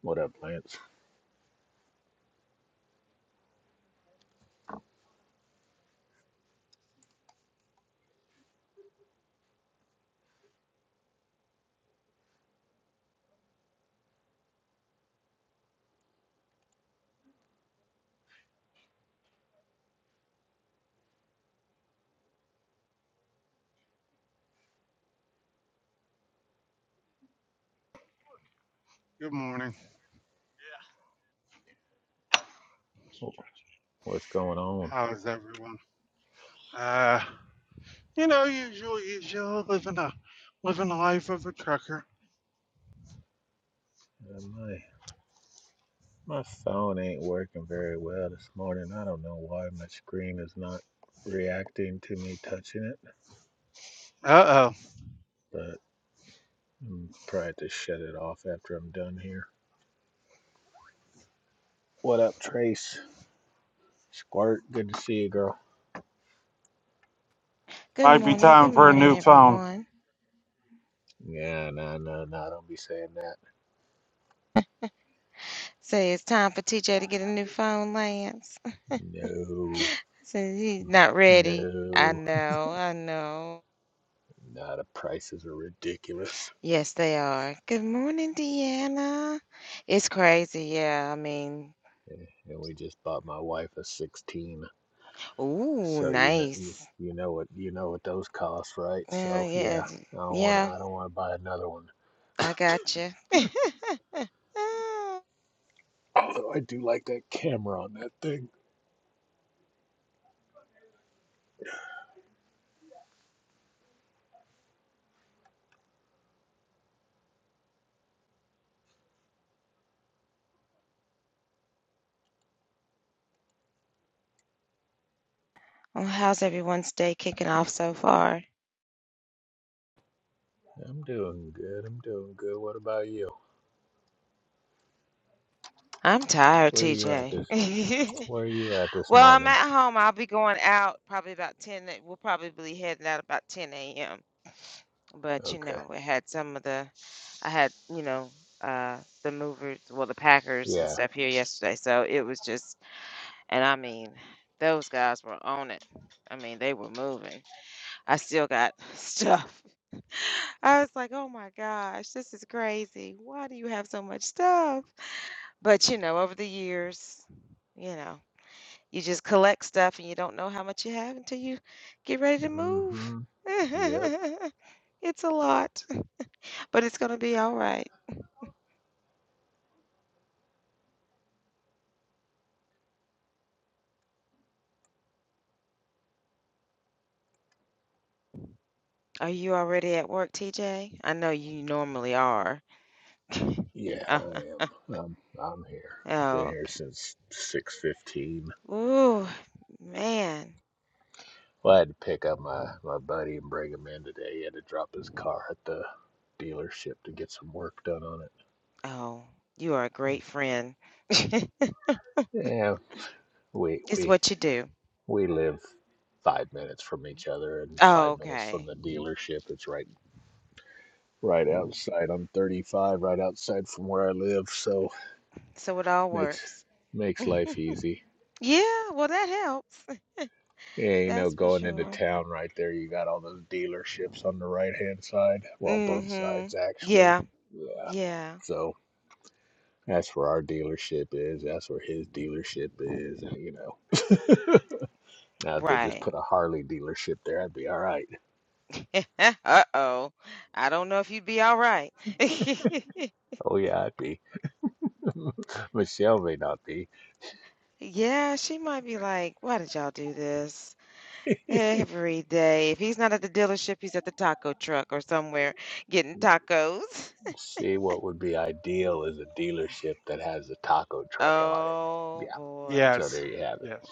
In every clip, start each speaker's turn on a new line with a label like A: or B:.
A: What up, Lance?
B: Good morning. Yeah.
A: What's going on?
B: How is everyone? Uh, you know, usual, usual, living a living a life of a trucker.
A: Uh, my my phone ain't working very well this morning. I don't know why my screen is not reacting to me touching it,
B: Uh oh.
A: but I'm probably to shut it off after I'm done here. What up, Trace? Squirt, good to see you, girl.
C: Good
B: Might be
C: morning,
B: time
C: good
B: for a
C: morning,
B: new phone.
C: everyone.
A: Yeah, no, no, no, don't be saying that.
C: Say it's time for TJ to get a new phone, Lance.
A: No,
C: Say he's not ready. I
A: no,
C: know, I know.
A: no, the prices are ridiculous.
C: Yes, they are. Good morning, Deanna. It's crazy, yeah. I mean,
A: Eh, And we just bought my wife a 16.
C: ooh,
A: So you know you
C: nice.
A: you know what you know what those cost, right?
C: Yeah,
A: So yeah,
C: yeah,
A: I don't want to
C: yeah.
A: I don't want to buy another one.
C: I got you.
A: Although I do like that camera on that thing.
C: Well, how's everyone's day kicking off so far?
A: I'm doing good. I'm doing good. What about you?
C: I'm tired,
A: Where are you at this?
C: TJ.
A: Where are you at this
C: Well, I'm
A: morning?
C: at home. I'll be going out probably about 10. a- We'll probably be heading out about 10 a.m. But, you
A: Okay.
C: know, I had some of the, I had, you know, uh, the movers, well, the Packers and
A: Yeah.
C: stuff here yesterday. So it was just, and I mean, those guys were on it. I mean, they were moving. I still got stuff. I was like, oh my gosh, this is crazy. Why do you have so much stuff? But, you know, over the years, you know. You just collect stuff and you don't know how much you have until you get ready to move.
A: Mm-hmm. Yep.
C: It's a lot, but it's going to be all right. Are you already at work, TJ? I know you normally are.
A: Yeah, I
C: Uh-huh.
A: am. I'm I'm here. I've been
C: Oh,
A: here
C: okay.
A: since six fifteen.
C: Ooh, man.
A: Well, I had to pick up my my buddy and bring him in today. He had to drop his car at the dealership to get some work done on it.
C: Oh, you are a great friend.
A: Yeah, we
C: It's
A: we
C: what you do.
A: we live five minutes from each other and
C: Oh,
A: five minutes from
C: okay.
A: the dealership. It's right right outside. I'm 35, right outside from where I live, so
C: So it all
A: makes
C: works.
A: makes life easy.
C: Yeah, well, that helps.
A: Yeah, you know,
C: That's for
A: going into
C: sure.
A: town right there, you got all those dealerships on the right hand side. Well, both
C: Mm-hmm.
A: sides actually.
C: Yeah,
A: Yeah.
C: yeah,
A: So that's where our dealership is. That's where his dealership is. And, you know, now if they just
C: right.
A: put a Harley dealership there, I'd be all right.
C: Eh, Uh-oh. I don't know if you'd be all right.
A: Oh yeah, I'd be. Michelle may not be.
C: Yeah, she might be like, why did y'all do this every day? If he's not at the dealership, he's at the taco truck or somewhere getting tacos.
A: See, what would be ideal is a dealership that has a taco truck on it.
C: Oh
A: Yeah,
C: boy.
A: so
B: Yes,
A: there you have it.
B: yes,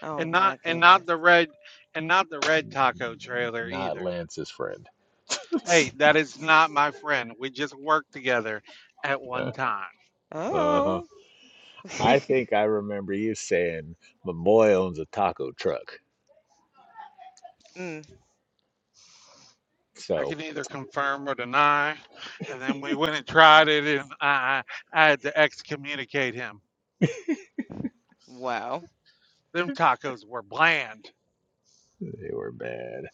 C: Oh
B: and not
C: my
B: and not
C: goodness.
B: the red and not the red taco trailer
A: Not
B: either.
A: Lance's friend.
B: Hey, that is not my friend. We just worked together at one time.
A: Uh huh.
C: Oh.
A: I think I remember you saying my boy owns a taco truck.
C: Mm,
B: I
A: So
B: can either confirm or deny, and then we went and tried it, and I I had to excommunicate him.
C: wow.
B: Them tacos were bland.
A: they were bad.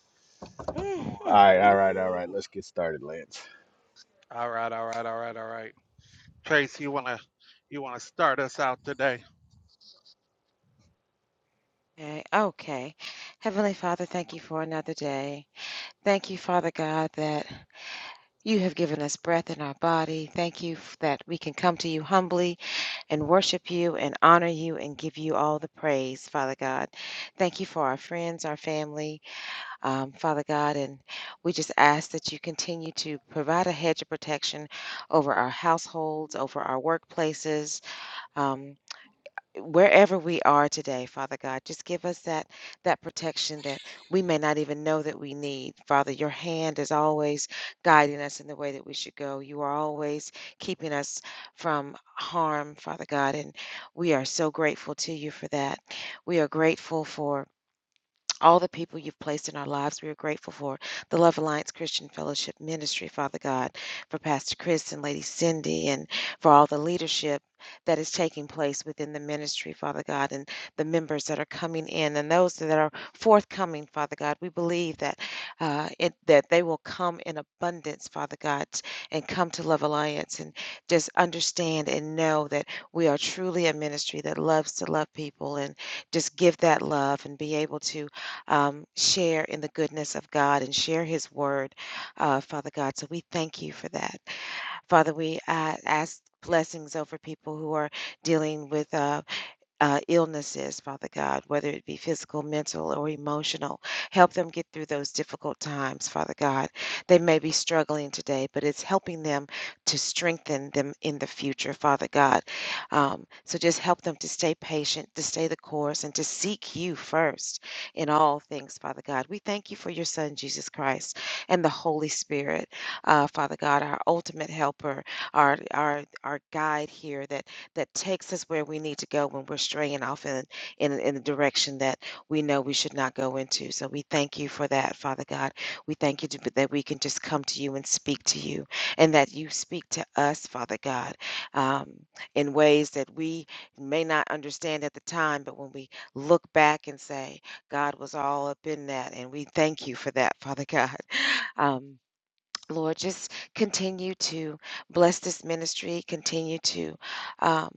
B: I'm
A: All
B: like,
C: Mhm.
A: right, all right, all right.
B: ooh.
A: Let's get started, Lance.
B: All right, all right, all right, all right. Trace, you wanna you wanna start us out today?
C: Okay, okay. Heavenly Father, thank you for another day. Thank you, Father God, that You have given us breath in our body. Thank you f- that we can come to you humbly and worship you and honor you and give you all the praise, Father God. Thank you for our friends, our family, um, Father God. And we just ask that you continue to provide a hedge of protection over our households, over our workplaces. um, wherever we are today, Father God, just give us that that protection that we may not even know that we need. Father, your hand is always guiding us in the way that we should go. You are always keeping us from harm, Father God, and we are so grateful to you for that. We are grateful for all the people you've placed in our lives. We are grateful for the Love Alliance Christian Fellowship Ministry, Father God, for Pastor Chris and Lady Cindy, and for all the leadership that is taking place within the ministry, Father God, and the members that are coming in and those that are forthcoming, Father God. We believe that uh, it, that they will come in abundance, Father God, and come to Love Alliance and just understand and know that we are truly a ministry that loves to love people and just give that love and be able to um, share in the goodness of God and share His word, uh, Father God. So we thank you for that. Father, we uh, ask blessings over people who are dealing with. Uh, uh, illnesses, Father God, whether it be physical, mental, or emotional. Help them get through those difficult times, Father God. They may be struggling today, but it's helping them to strengthen them in the future, Father God. Um, so just help them to stay patient, to stay the course, and to seek you first in all things, Father God. We thank you for your Son, Jesus Christ, and the Holy Spirit, uh, Father God, our ultimate helper, our, our, our guide here that that takes us where we need to go when we're straying off in, in, in the direction that we know we should not go into. So we thank you for that, Father God. We thank you to, that we can just come to you and speak to you and that you speak to us, Father God, um, in ways that we may not understand at the time, but when we look back and say, God was all up in that. And we thank you for that, Father God. Um, Lord, just continue to bless this ministry. Continue to um,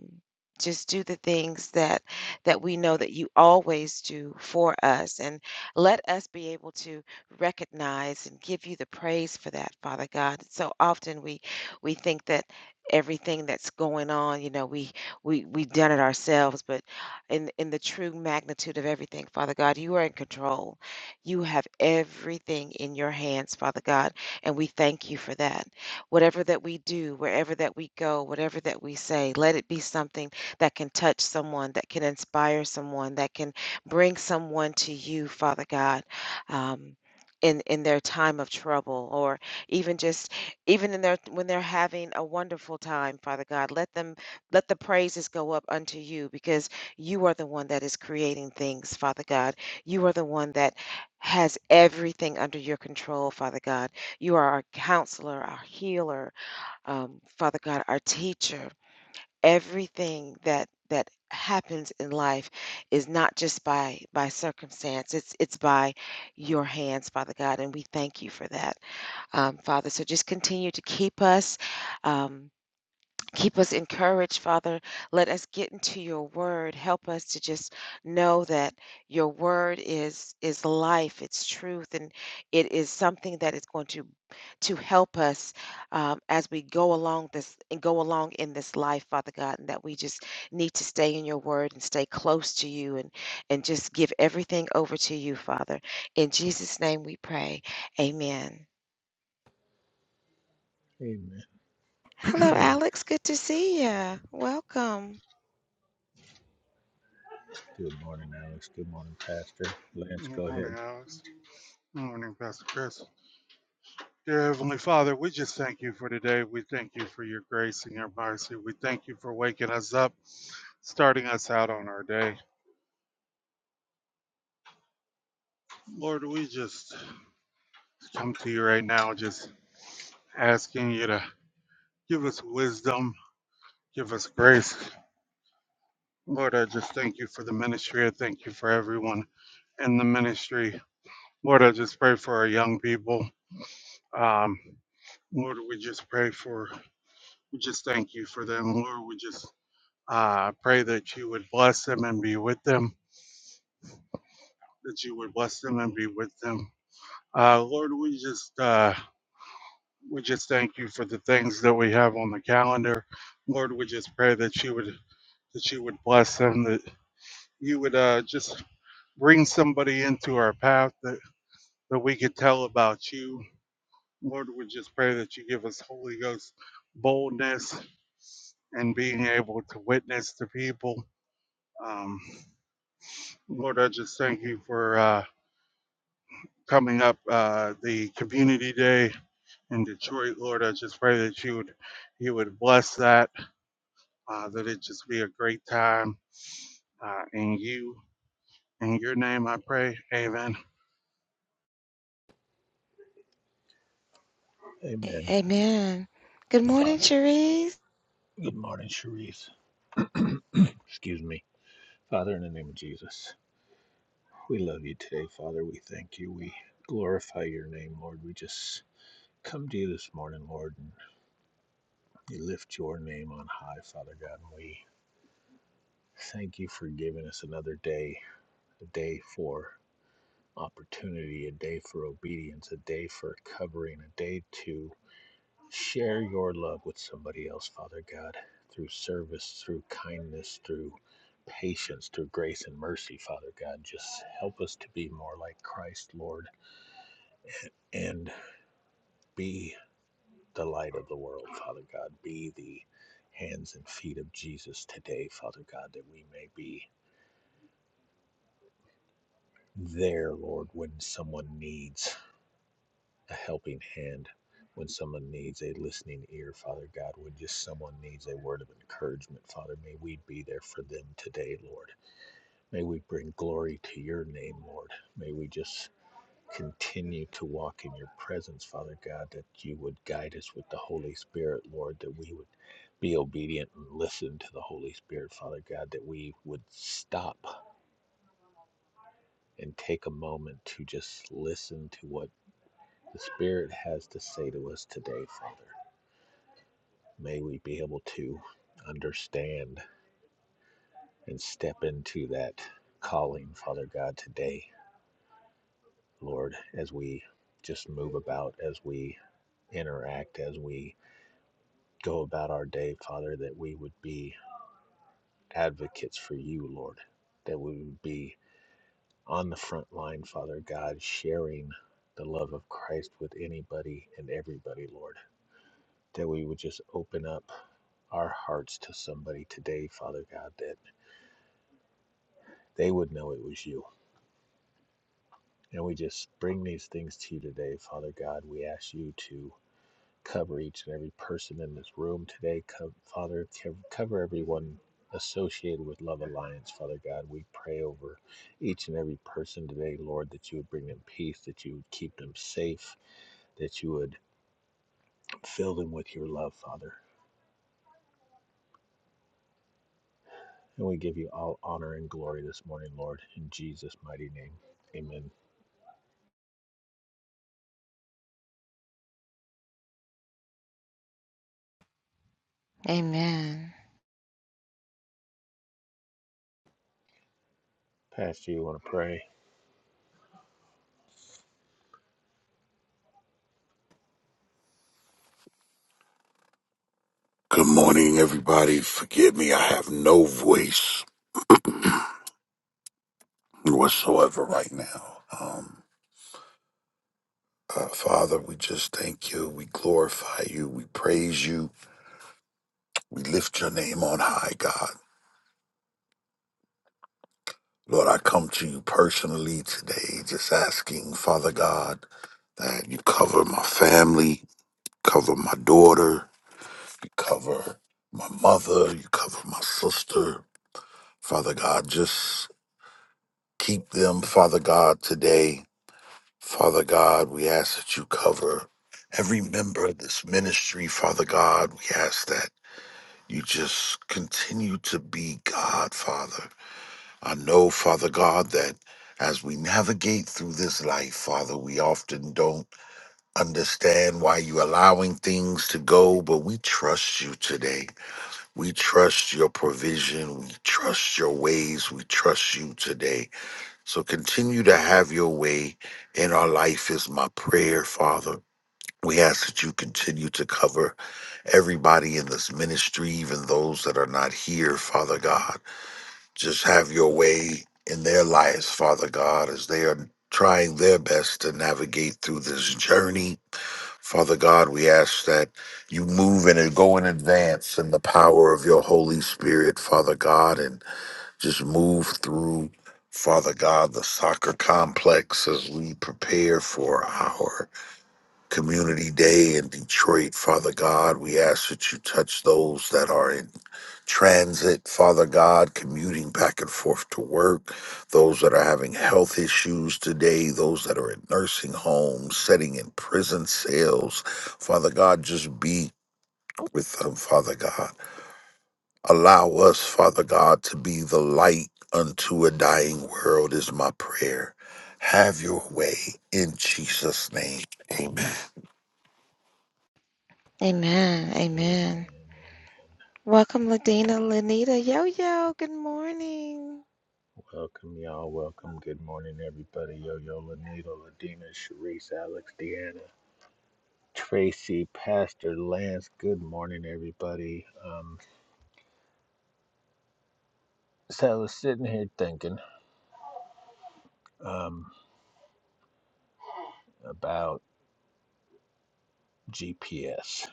C: just do the things that that we know that you always do for us, and let us be able to recognize and give you the praise for that, Father God. So often we we think that everything that's going on, you know, we we we've done it ourselves, but in in the true magnitude of everything, Father God, you are in control. You have everything in your hands, Father God. And we thank you for that. Whatever that we do, wherever that we go, whatever that we say, let it be something that can touch someone, that can inspire someone, that can bring someone to you, Father God. Um, in, in their time of trouble or even just even in their when they're having a wonderful time father god let them let the praises go up unto you because you are the one that is creating things father god you are the one that has everything under your control father god you are our counselor, our healer, um, Father God, our teacher. Everything that that happens in life is not just by by circumstance. It's it's by your hands, Father God, and we thank you for that, um, Father. So just continue to keep us. Um, Keep us encouraged, Father. Let us get into your word. Help us to just know that your word is is life, it's truth, and it is something that is going to to help us um, as we go along this and go along in this life, Father God, and that we just need to stay in your word and stay close to you and and just give everything over to you, Father. In Jesus' name we pray. Amen.
A: Amen.
C: Hello, Alex. Good to see you. Welcome.
A: Good morning, Alex. Good morning, Pastor. Lance,
B: Good
A: go ahead.
B: morning, Alex. Good morning, Pastor Chris. Dear Heavenly Father, we just thank you for today. We thank you for your grace and your mercy. We thank you for waking us up, starting us out on our day. Lord, we just come to you right now, just asking you to give us wisdom, give us grace, Lord, I just thank you for the ministry. I thank you for everyone in the ministry. Lord, I just pray for our young people. Um, Lord, we just pray for, we just thank you for them. Lord, we just uh, pray that you would bless them and be with them, that you would bless them and be with them. Uh, Lord, we just, uh, we just thank you for the things that we have on the calendar. Lord, we just pray that you would, that you would bless them, that you would uh, just bring somebody into our path, that that we could tell about you. Lord, we just pray that you give us Holy Ghost boldness and being able to witness to people. Um, Lord, I just thank you for uh, coming up uh, the community day in Detroit. Lord, I just pray that you would you would bless that, uh, that it just be a great time uh, in you. In your name, I pray. Amen.
C: A-
A: Amen.
C: Amen. Good morning,
A: Father.
C: Cherise.
A: Good morning, Cherise. Excuse me. Father, in the name of Jesus. We love you today, Father. We thank you. We glorify your name, Lord. We just come to you this morning, Lord, and you lift your name on high, Father God. And we thank you for giving us another day, a day for opportunity, a day for obedience, a day for covering, a day to share your love with somebody else, Father God, through service, through kindness, through patience, through grace and mercy, Father God. Just help us to be more like Christ, Lord, and be the light of the world, Father God. Be the hands and feet of Jesus today, Father God, that we may be there, Lord, when someone needs a helping hand, when someone needs a listening ear, Father God, when just someone needs a word of encouragement, Father, may we be there for them today, Lord. May we bring glory to your name, Lord. May we just continue to walk in your presence, Father God, that you would guide us with the Holy Spirit, Lord, that we would be obedient and listen to the Holy Spirit, Father God, that we would stop and take a moment to just listen to what the Spirit has to say to us today, Father. May we be able to understand and step into that calling, Father God, today, Lord, as we just move about, as we interact, as we go about our day, Father, that we would be advocates for you, Lord, that we would be on the front line, Father God, sharing the love of Christ with anybody and everybody, Lord, that we would just open up our hearts to somebody today, Father God, that they would know it was you. And we just bring these things to you today, Father God. We ask you to Cover each and every person in this room today. Co- Father, cover everyone associated with Love Alliance, Father God. We pray over each and every person today, Lord, that you would bring them peace, that you would keep them safe, that you would fill them with your love, Father. And we give you all honor and glory this morning, Lord, in Jesus' mighty name. Amen.
C: Amen.
A: Pastor, you want to pray?
D: Good morning, everybody. Forgive me, I have no voice whatsoever right now. Um, uh, Father, we just thank you. We glorify you. We praise you. We lift your name on high, God. Lord, I come to you personally today, just asking, Father God, that you cover my family, cover my daughter, you cover my mother, you cover my sister. Father God, just keep them, Father God, today Father God, we ask that you cover every member of this ministry. Father God, we ask that you just continue to be God, Father. I know, Father God, that as we navigate through this life, Father, we often don't understand why you're allowing things to go, but we trust you today. We trust your provision. We trust your ways. We trust you today. So continue to have your way in our life, is my prayer, Father. We ask that you continue to cover everybody in this ministry, even those that are not here, Father God. Just have your way in their lives, Father God, as they are trying their best to navigate through this journey. Father God, we ask that you move and go in advance in the power of your Holy Spirit, Father God, and. Just move through, Father God, the soccer complex as we prepare for our community day in Detroit. Father God, we ask that you touch those that are in transit, Father God, commuting back and forth to work, those that are having health issues today, those that are in nursing homes, sitting in prison cells. Father God, just be with them, Father God. Allow us, Father God, to be the light unto a dying world, is my prayer. Have your way in Jesus' name. Amen.
C: Amen.
A: Amen.
C: Amen.
A: Amen.
C: Welcome, Ladina, Lanita, Yo Yo. Good morning.
A: Welcome, y'all. Welcome. Good morning, everybody. Yo, yo, Lanita, Ladina, Sharice, Alex, Deanna. Tracy, Pastor Lance. Good morning, everybody. Um, so I was sitting here thinking um, about GPS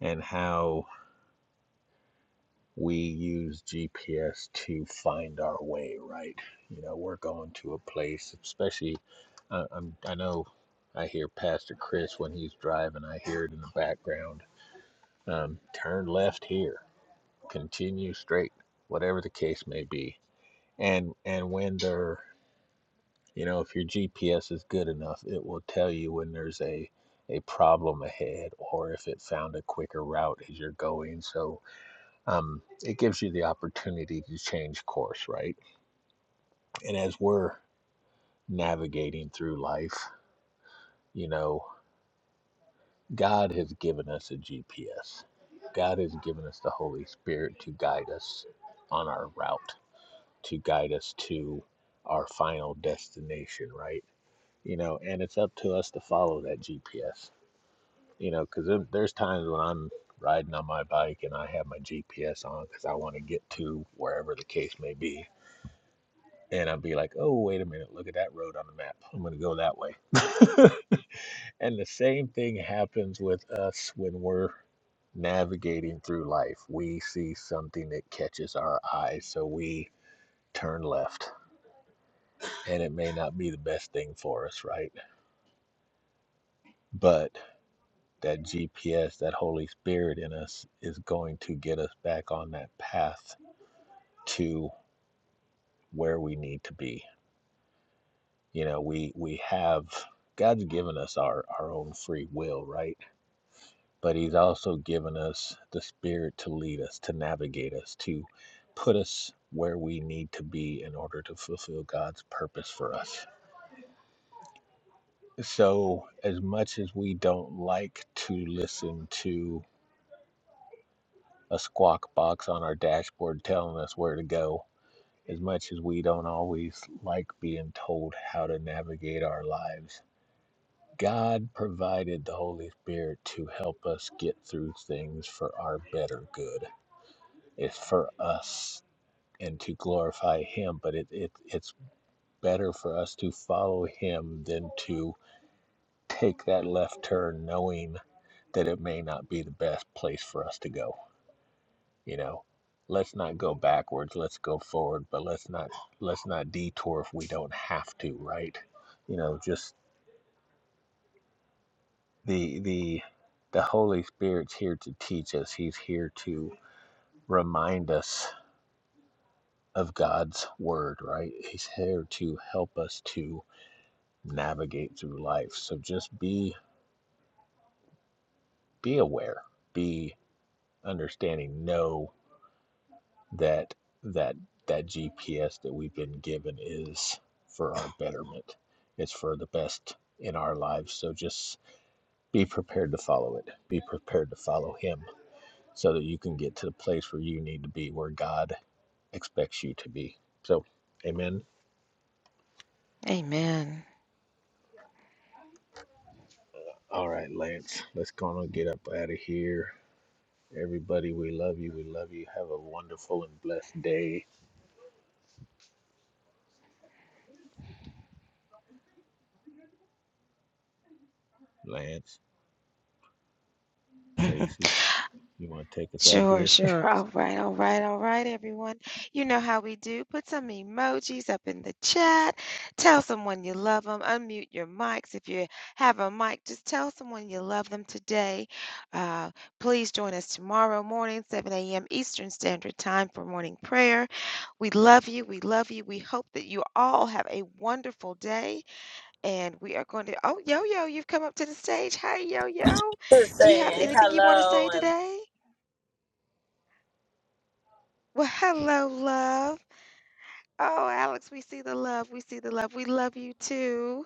A: and how we use GPS to find our way, right? You know, we're going to a place, especially, uh, I'm, I know I hear Pastor Chris when he's driving, I hear it in the background. Um, turn left here, continue straight, whatever the case may be. And, and when they're You know, if your GPS is good enough, it will tell you when there's a a problem ahead or if it found a quicker route as you're going. So um, it gives you the opportunity to change course, right? And as we're navigating through life, you know, God has given us a GPS. God has given us the Holy Spirit to guide us on our route, to guide us to our final destination, right? You know, and it's up to us to follow that GPS you know, because there's times when I'm riding on my bike and I have my GPS on because I want to get to wherever the case may be. And I'll be like, oh, wait a minute, look at that road on the map. I'm going to go that way. and the same thing happens with us when we're navigating through life. We see something that catches our eye, so we turn left. And it may not be the best thing for us, right? But that GPS, that Holy Spirit in us, is going to get us back on that path to where we need to be. You know, we we have God's given us our our own free will, right? But He's also given us the Spirit to lead us, to navigate us, to put us where we need to be in order to fulfill God's purpose for us. So, as much as we don't like to listen to a squawk box on our dashboard telling us where to go, as much as we don't always like being told how to navigate our lives, God provided the Holy Spirit to help us get through things for our better good. It's for us and to glorify Him, but it, it it's better for us to follow Him than to take that left turn knowing that it may not be the best place for us to go you know let's not go backwards let's go forward but let's not let's not detour if we don't have to right you know just the the the holy spirit's here to teach us he's here to remind us of god's word right he's here to help us to navigate through life so just be be aware be understanding know that that that GPS that we've been given is for our betterment. It's for the best in our lives. So just be prepared to follow it. Be prepared to follow him so that you can get to the place where you need to be, where God expects you to be. So amen.
C: Amen.
A: All right, Lance, let's go on and get up out of here. Everybody, we love you. We love you. Have a wonderful and blessed day. Lance, Tracy, you want to take us out of
C: sure,
A: here?
C: sure. All right, all right, all right, everyone. You know how we do. Put some emojis up in the chat. Tell someone you love them. Unmute your mics. If you have a mic, just tell someone you love them today. Uh, please join us tomorrow morning, 7 a.m. Eastern Standard Time for morning prayer. We love you. We love you. We hope that you all have a wonderful day. And we are going to, oh, Yo Yo, you've come up to the stage. Hi, Yo Yo.
E: Just
C: Do you have
E: saying
C: anything you want to
E: hello
C: say
E: and
C: today? Well, hello, love. Oh, Alex, we see the love. We see the love. We love you too.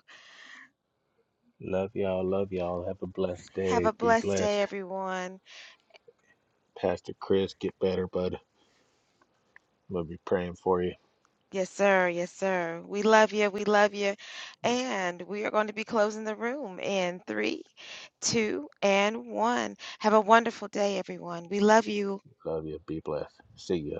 A: Love y'all. Love y'all. Have a blessed
C: Have
A: day.
C: a
A: Be
C: blessed day,
A: blessed.
C: everyone.
A: Pastor Chris, get better, bud. We'll be praying for you.
C: Yes, sir. Yes, sir. We love you. We love you. And we are going to be closing the room in three, two, and one. Have a wonderful day, everyone. We love you.
A: Love you. Be blessed. See ya.